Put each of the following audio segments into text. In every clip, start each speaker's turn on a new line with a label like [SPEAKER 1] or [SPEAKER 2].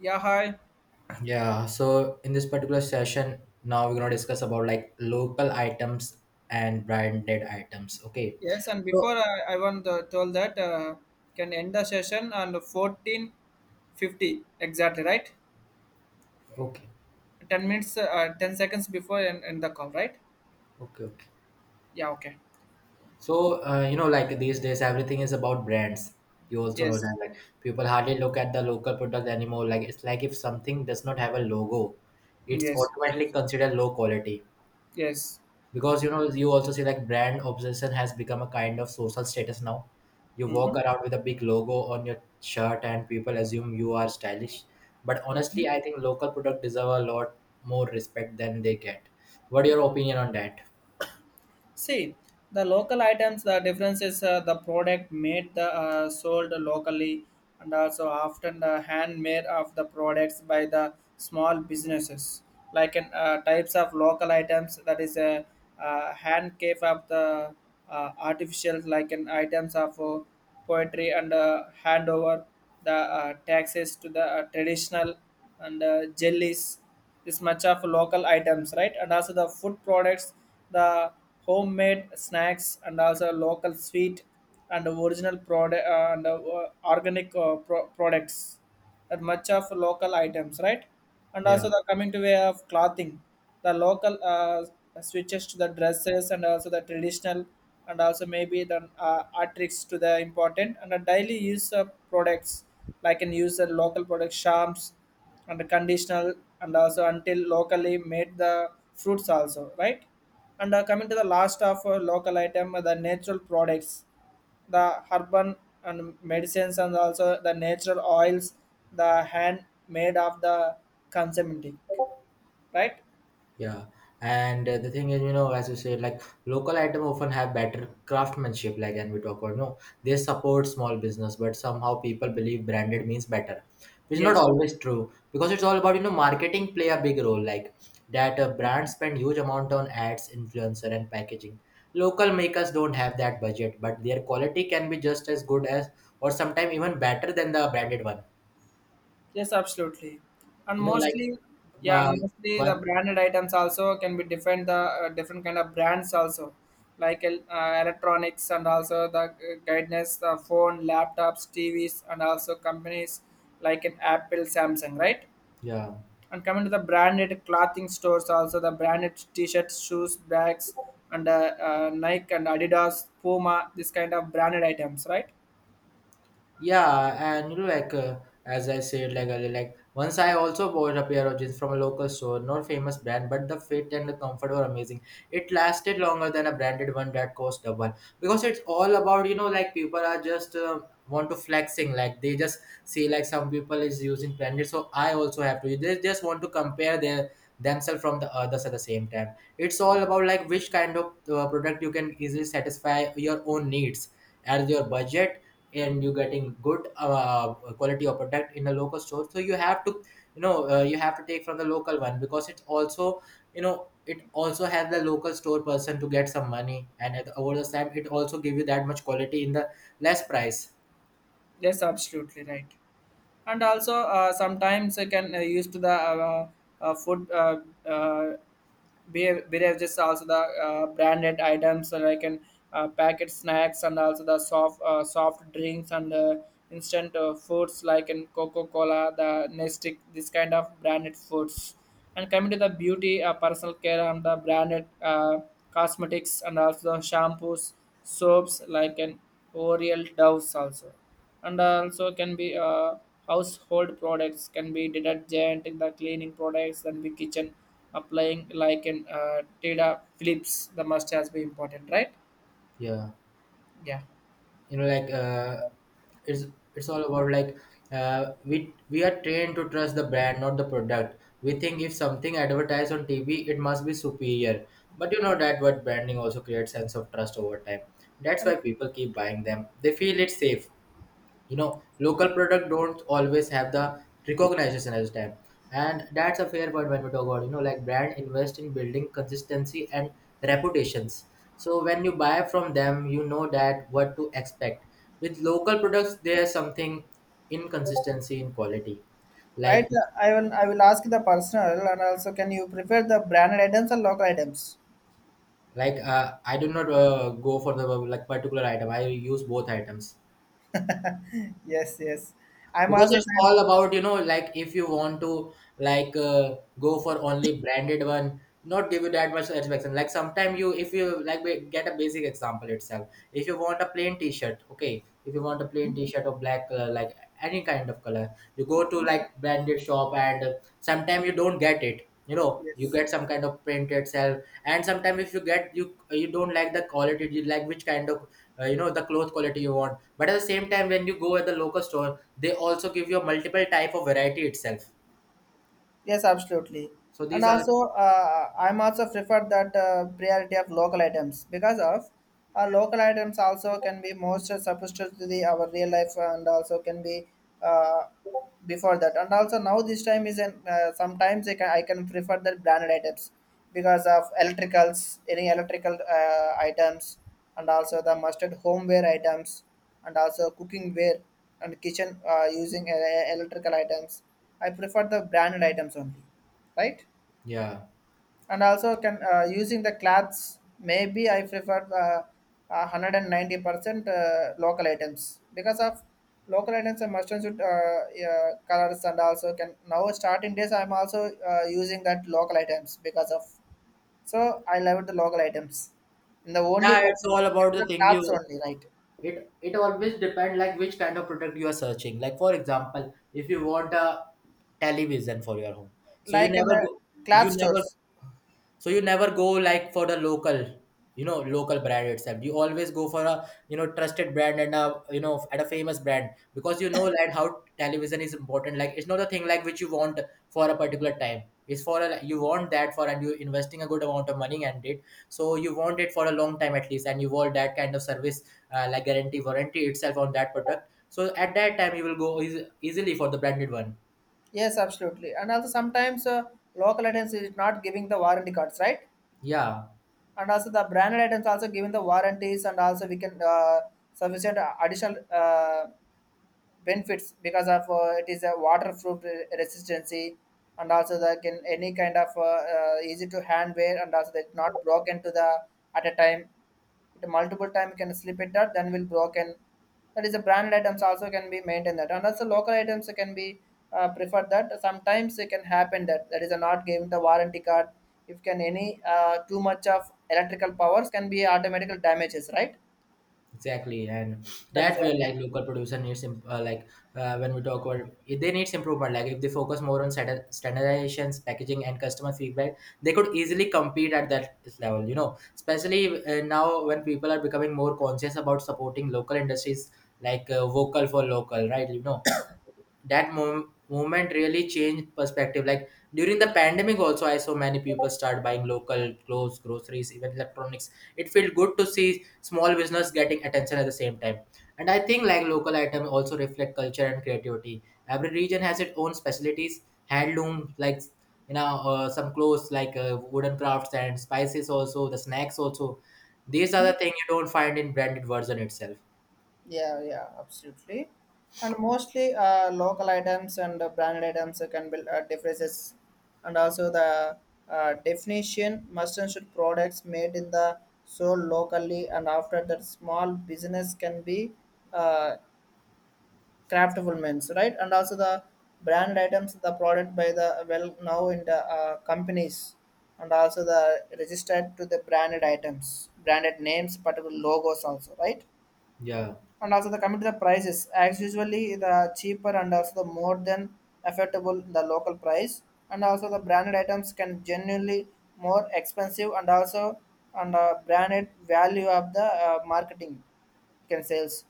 [SPEAKER 1] Yeah, hi.
[SPEAKER 2] Yeah, so in this particular session, now we're gonna discuss about like local items and branded items. Okay,
[SPEAKER 1] Yes, and before
[SPEAKER 2] so
[SPEAKER 1] I want to tell that can end the session on 14:50 exactly, right?
[SPEAKER 2] okay,
[SPEAKER 1] 10 minutes, 10 seconds before end the call, right?
[SPEAKER 2] okay, okay.
[SPEAKER 1] Yeah, okay.
[SPEAKER 2] So you know, like these days, everything is about brands. You also know
[SPEAKER 1] Yes.
[SPEAKER 2] that like people hardly look at the local product anymore. Like it's like if something does not have a logo,
[SPEAKER 1] Mm,
[SPEAKER 2] it's
[SPEAKER 1] yes,
[SPEAKER 2] automatically considered low quality.
[SPEAKER 1] yes.
[SPEAKER 2] Because you know you also see like brand obsession has become a kind of social status now. You
[SPEAKER 1] Mm-hmm. Mm-hmm.
[SPEAKER 2] walk around with a big logo on your shirt and people assume you are stylish, but honestly I think local product deserve a lot more respect than they get. What your opinion on that?
[SPEAKER 1] See, the local items, the difference is the product made, the sold locally, and also often the handmade of the products by the small businesses. Like in types of local items, that is a hand cave of the artificial, like in items of poetry and handover the taxes to the traditional and jellies, this much of local items, right? And also the food products, the homemade snacks and also local sweet and original product and organic products, that much of local items, right? And
[SPEAKER 2] Yeah.
[SPEAKER 1] also the coming to way of clothing, the local switches to the dresses and also the traditional and also maybe the art to the important and the daily use of products, like can use the local product charms and the conditional and also until locally made the fruits also, right? And coming to the last of local item, the natural products, the herbal and medicines and also the natural oils, the hand made of the consumptive, right?
[SPEAKER 2] Yeah, and the thing is, you know, as you said, like local item often have better craftsmanship, like and we talk about no, they support small business, but somehow people believe branded means better, which is not
[SPEAKER 1] Yes.
[SPEAKER 2] always true because it's all about you know marketing play a big role, like that brands spend huge amount on ads, influencer, and packaging. Local makers don't have that budget, but their quality can be just as good as, or sometimes even better than the branded one.
[SPEAKER 1] Yes, absolutely, and
[SPEAKER 2] You know, like
[SPEAKER 1] mostly yeah,
[SPEAKER 2] uh,
[SPEAKER 1] and mostly the
[SPEAKER 2] one,
[SPEAKER 1] branded items also can be different, the different kind of brands also, like electronics and also the guidance, the phone, laptops, tvs and also companies like an Apple, Samsung, right?
[SPEAKER 2] yeah.
[SPEAKER 1] And coming to the branded clothing stores, also the branded t-shirts, shoes, bags, and Nike and Adidas, Puma, this kind of branded items, right?
[SPEAKER 2] Yeah, and you know, like as I said, like earlier, like once I also bought a pair of jeans from a local store, not famous brand, but the fit and the comfort were amazing. It lasted longer than a branded one that cost double because it's all about you know, like people are just want to flexing, like they just see like some people is using branded, so I also have to. They just want to compare their themselves from the others at the same time. It's all about like which kind of product you can easily satisfy your own needs as your budget, and you're getting good quality of product in a local store, so you have to you know you have to take from the local one because it's also you know it also has the local store person to get some money, and at, over the time it also give you that much quality in the less price.
[SPEAKER 1] Yes, absolutely right. And also, sometimes I can use to the food uh, beer beverages, also the branded items, like an packet snacks and also the soft drinks and instant foods like in Coca Cola, the nestic, this kind of branded foods. And coming to the beauty, personal care and the branded cosmetics and also shampoos, soaps like an Oriel, doves also, and also can be household products, can be detergent, the cleaning products, then the kitchen applying like in data flips, the must has be important, right?
[SPEAKER 2] Yeah,
[SPEAKER 1] Yeah.
[SPEAKER 2] you know like it's it's all about like we are trained to trust the brand, not the product. We think if something advertised on TV it must be superior, but you know that what branding also creates sense of trust over time. That's why people keep buying them, they feel it's safe. You know local product don't always have the recognition as time, and that's a fair point when we talk about you know like brand invest in building consistency and reputations. So when you buy from them you know that what to expect. With local products there's something inconsistency in quality,
[SPEAKER 1] Right,
[SPEAKER 2] like
[SPEAKER 1] I will ask the personal, and also can you prefer the branded items or local items?
[SPEAKER 2] like I do not go for the like particular item. I use both items
[SPEAKER 1] Yes, yes. I'm
[SPEAKER 2] because
[SPEAKER 1] also
[SPEAKER 2] it's
[SPEAKER 1] saying
[SPEAKER 2] all about you know like if you want to like go for only branded one, not give you that much satisfaction. Like sometimes you, if you like get a basic example itself, if you want a plain t-shirt, okay, if you want a plain t-shirt or black color, like any kind of color, you go to like branded shop and sometimes you don't get it, you know you
[SPEAKER 1] yes.
[SPEAKER 2] get some kind of print itself. And sometimes if you get, you don't like the quality, you like which kind of you know the cloth quality you want, but at the same time when you go at the local store, they also give you a multiple type of variety itself.
[SPEAKER 1] Yes, absolutely.
[SPEAKER 2] So
[SPEAKER 1] And
[SPEAKER 2] these are
[SPEAKER 1] also, I'm also prefer that priority of local items because of local items also can be most supposed to the our real life and also can be, uh, before that and also now this time is an sometimes I can prefer the branded items because of electricals, any electrical items, and also the mustard homeware items and also cooking ware and kitchen using electrical items, I prefer the branded items only, right?
[SPEAKER 2] yeah.
[SPEAKER 1] And also can using the cloths, maybe I prefer uh, 190% local items because of local items and mustard should, colors, and also can now starting days I'm also using that local items because of, so I love the local items and the only
[SPEAKER 2] Yeah, it's
[SPEAKER 1] purpose
[SPEAKER 2] all about the
[SPEAKER 1] is
[SPEAKER 2] thing
[SPEAKER 1] cloths
[SPEAKER 2] you
[SPEAKER 1] only, right?
[SPEAKER 2] it it always depend like which kind of product you are searching. Like for example, if you want a television for your home, so you
[SPEAKER 1] Like in
[SPEAKER 2] never go you
[SPEAKER 1] cloth
[SPEAKER 2] never
[SPEAKER 1] stores.
[SPEAKER 2] so you never go like for the local, you know, local brand itself. You always go for a you know trusted brand and a you know at a famous brand because you know like how television is important. Like it's not a thing like which you want for a particular time. It's for a you want that for and you're investing a good amount of money and it. So you want it for a long time at least, and you want that kind of service like guarantee warranty itself on that product. So at that time you will go easily for the branded one.
[SPEAKER 1] Yes, absolutely, and also sometimes local items is not giving the warranty cards, right?
[SPEAKER 2] Yeah.
[SPEAKER 1] And also the branded items also given the warranties, and also we can sufficient additional benefits because of it is a waterproof resistancy, and also the can any kind of easy to handwear, and also that not broken to the at a time, it multiple time can slip it, that then will broken. That is the brand items also can be maintained that, and also local items can be preferred that, sometimes it can happen that that is not giving the warranty card if can any too much of electrical powers can be automatical damages, right?
[SPEAKER 2] Exactly, and
[SPEAKER 1] That is
[SPEAKER 2] that way,
[SPEAKER 1] one more.
[SPEAKER 2] like local producer needs like when we talk about if they needs improvement. Like if they focus more on standardizations, packaging, and customer feedback, they could easily compete at that level. You know, especially now when people are becoming more conscious about supporting local industries, like vocal for local, right? You know, that moment really changed perspective. Like during the pandemic also I saw many people start buying local clothes, groceries, even electronics. It felt good to see small business getting attention at the same time. And I think like local item also reflect culture and creativity. Every region has its own specialties, handloom, like you know some clothes like wooden crafts and spices, also the snacks also. These are the things you don't find in branded version itself.
[SPEAKER 1] Yeah, yeah, absolutely. And mostly local items and branded items can build differences. And also the definition must ensure products made in the sold locally, and after that small business can be uh, craftable means, right? And also the branded items, the product by the well now in the companies and also the registered to the branded items, branded names, particular logos also, right?
[SPEAKER 2] Yeah,
[SPEAKER 1] And also the coming to the prices, as usually the cheaper and also the more than affordable the local price. And also the branded items can genuinely more expensive, and also and branded value of the marketing can sales.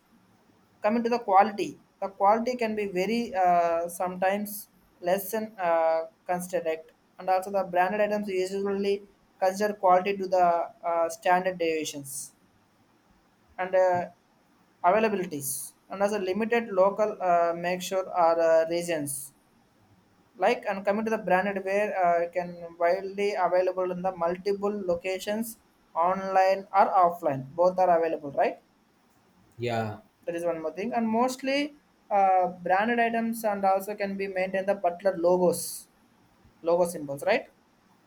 [SPEAKER 1] Coming to the quality can be very sometimes less than considered, right? And also the branded items usually consider quality to the standard deviations and availabilities, and as a limited local make sure are regions, like, and coming to the branded ware can widely available in the multiple locations, online or offline, both are available, right?
[SPEAKER 2] yeah,
[SPEAKER 1] That is one more thing. And mostly branded items and also can be maintained the particular logos, logo symbols, right?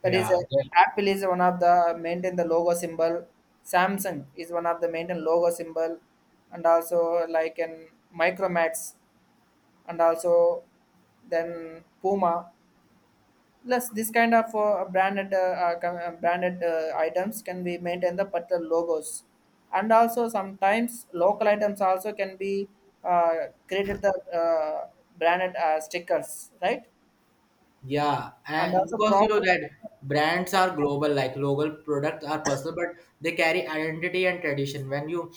[SPEAKER 1] That is,
[SPEAKER 2] yeah, yeah.
[SPEAKER 1] Apple is one of the maintain the logo symbol. Samsung is one of the maintain logo symbol, and also like an Micromax, and also then Puma. Plus, this kind of branded branded items can be maintain the particular logos, and also sometimes local items also can be created the branded stickers, right?
[SPEAKER 2] Yeah,
[SPEAKER 1] And
[SPEAKER 2] and
[SPEAKER 1] also
[SPEAKER 2] because you know
[SPEAKER 1] proper.
[SPEAKER 2] that brands are global, like local products are personal, but they carry identity and tradition when you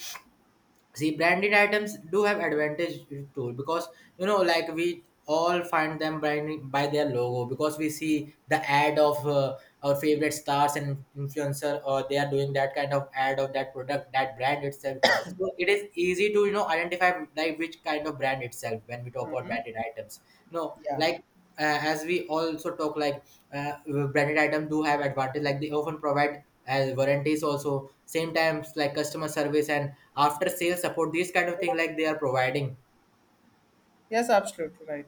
[SPEAKER 2] see, branded items do have advantage too because you know, like we all find them branded by their logo because we see the ad of our favorite stars and influencer, or they are doing that kind of ad of that product, that brand itself. So it is easy to you know identify like which kind of brand itself when we talk about
[SPEAKER 1] Mhm.
[SPEAKER 2] branded items. You know,
[SPEAKER 1] Yeah.
[SPEAKER 2] like as we also talk like uh, branded item do have advantage, like they often provide as warranties also same times like customer service and after sales support. These kind of thing like they are providing.
[SPEAKER 1] Yes, absolutely right.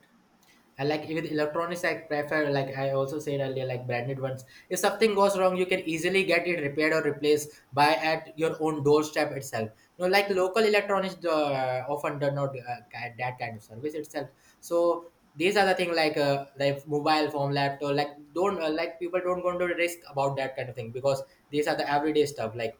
[SPEAKER 2] I like with electronics, I prefer like I also said earlier, like branded ones. If something goes wrong, you can easily get it repaired or replaced by at your own doorstep itself. You know, like local electronics often do not get that kind of service itself. So these are the thing like mobile phone, laptop, like don't like people don't going to risk about that kind of thing because these are the everyday stuff like.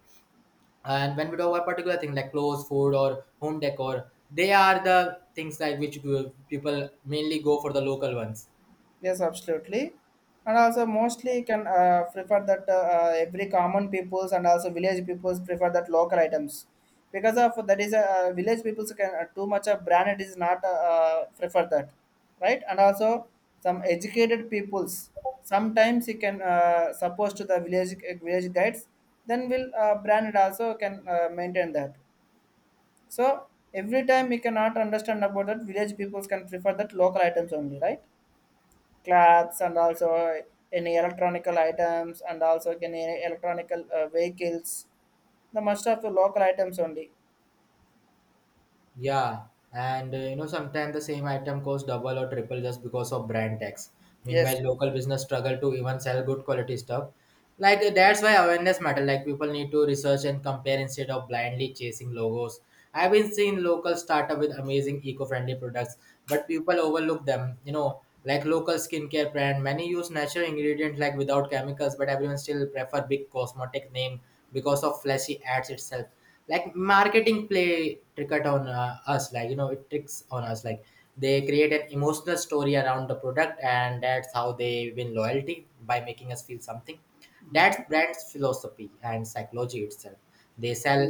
[SPEAKER 2] And when we talk about particular thing like clothes, food, or home decor, they are the things like which people mainly go for the local ones.
[SPEAKER 1] Yes, absolutely. And also mostly can prefer that every common peoples and also village peoples prefer that local items, because of that is a village peoples can too much of branded is not prefer that, right? And also some educated peoples, sometimes he can suppose to the village guides, then will branded also can maintain that. So every time we cannot understand about that, village peoples can prefer that local items only, right? Clothes and also any electronical items and also any electronical vehicles, the most of the local items only.
[SPEAKER 2] Yeah, and you know sometimes the same item costs double or triple just because of brand tax.
[SPEAKER 1] Yes,
[SPEAKER 2] Meanwhile, local
[SPEAKER 1] yes.
[SPEAKER 2] business struggle to even sell good quality stuff. Like
[SPEAKER 1] Yeah.
[SPEAKER 2] that's why awareness matter. Like people need to research and compare instead of blindly chasing logos. I've been seeing local startup with amazing eco-friendly products, but people overlook them. You know, like local skincare brand, many use natural ingredients like without chemicals, but everyone still prefer big cosmetic name because of flashy ads itself. Like marketing play trick out on us, like you know it tricks on us, like they create an emotional story around the product and that's how they win loyalty by making us feel something. That's brand's philosophy and psychology itself. They sell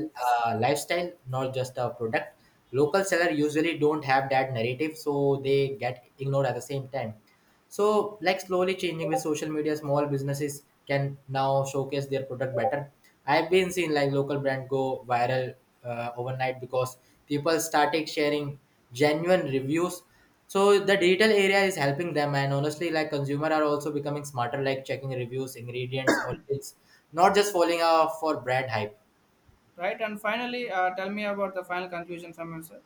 [SPEAKER 2] a lifestyle, not just a product. Local seller usually don't have that narrative so they get ignored at the same time. So like slowly changing with social media, small businesses can now showcase their product better. I've been seeing like local brand go viral overnight because people started sharing genuine reviews. So the digital area is helping them, and honestly, like consumer are also becoming smarter, like checking reviews, ingredients, origins, not just following for brand hype.
[SPEAKER 1] Right. And finally, tell me about the final conclusion from your side.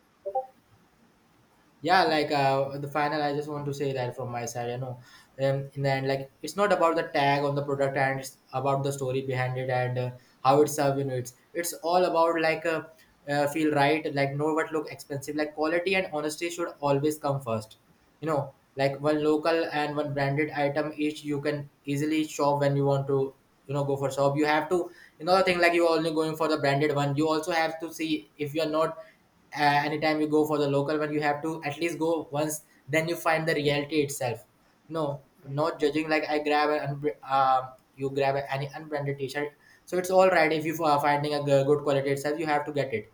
[SPEAKER 2] Yeah, like the final I just want to say that from my side, you know, and then like it's not about the tag on the product, and it's about the story behind it, and how it's served. You know it's all about like feel right, like know what look expensive, like quality and honesty should always come first. You know like one local and one branded item each, you can easily shop when you want to, you know go for shop. You have to another thing like you are only going for the branded one, you also have to see if you are not uh, anytime you go for the local one, you have to at least go once then you find the reality itself. You know, not judging, like I grab an you grab any unbranded t-shirt, so it's all right. If you are finding a good quality itself, you have to get it.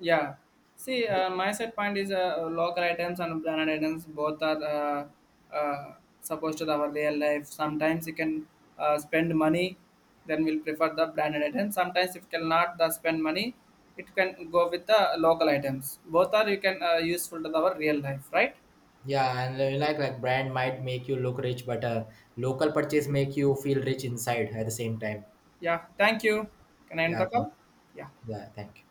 [SPEAKER 1] Yeah. See, my set point is local items and branded items both are uh, uh, supposed to our real life. Sometimes you can spend money, then we'll prefer the branded items. Sometimes if you cannot the spend money, it can go with the local items. Both are you can useful to our real life, right?
[SPEAKER 2] Yeah, and like brand might make you look rich, but a local purchase make you feel rich inside at the same time.
[SPEAKER 1] Yeah. Thank you. Can I end
[SPEAKER 2] Yeah,
[SPEAKER 1] the call? Yeah.
[SPEAKER 2] yeah, thank you.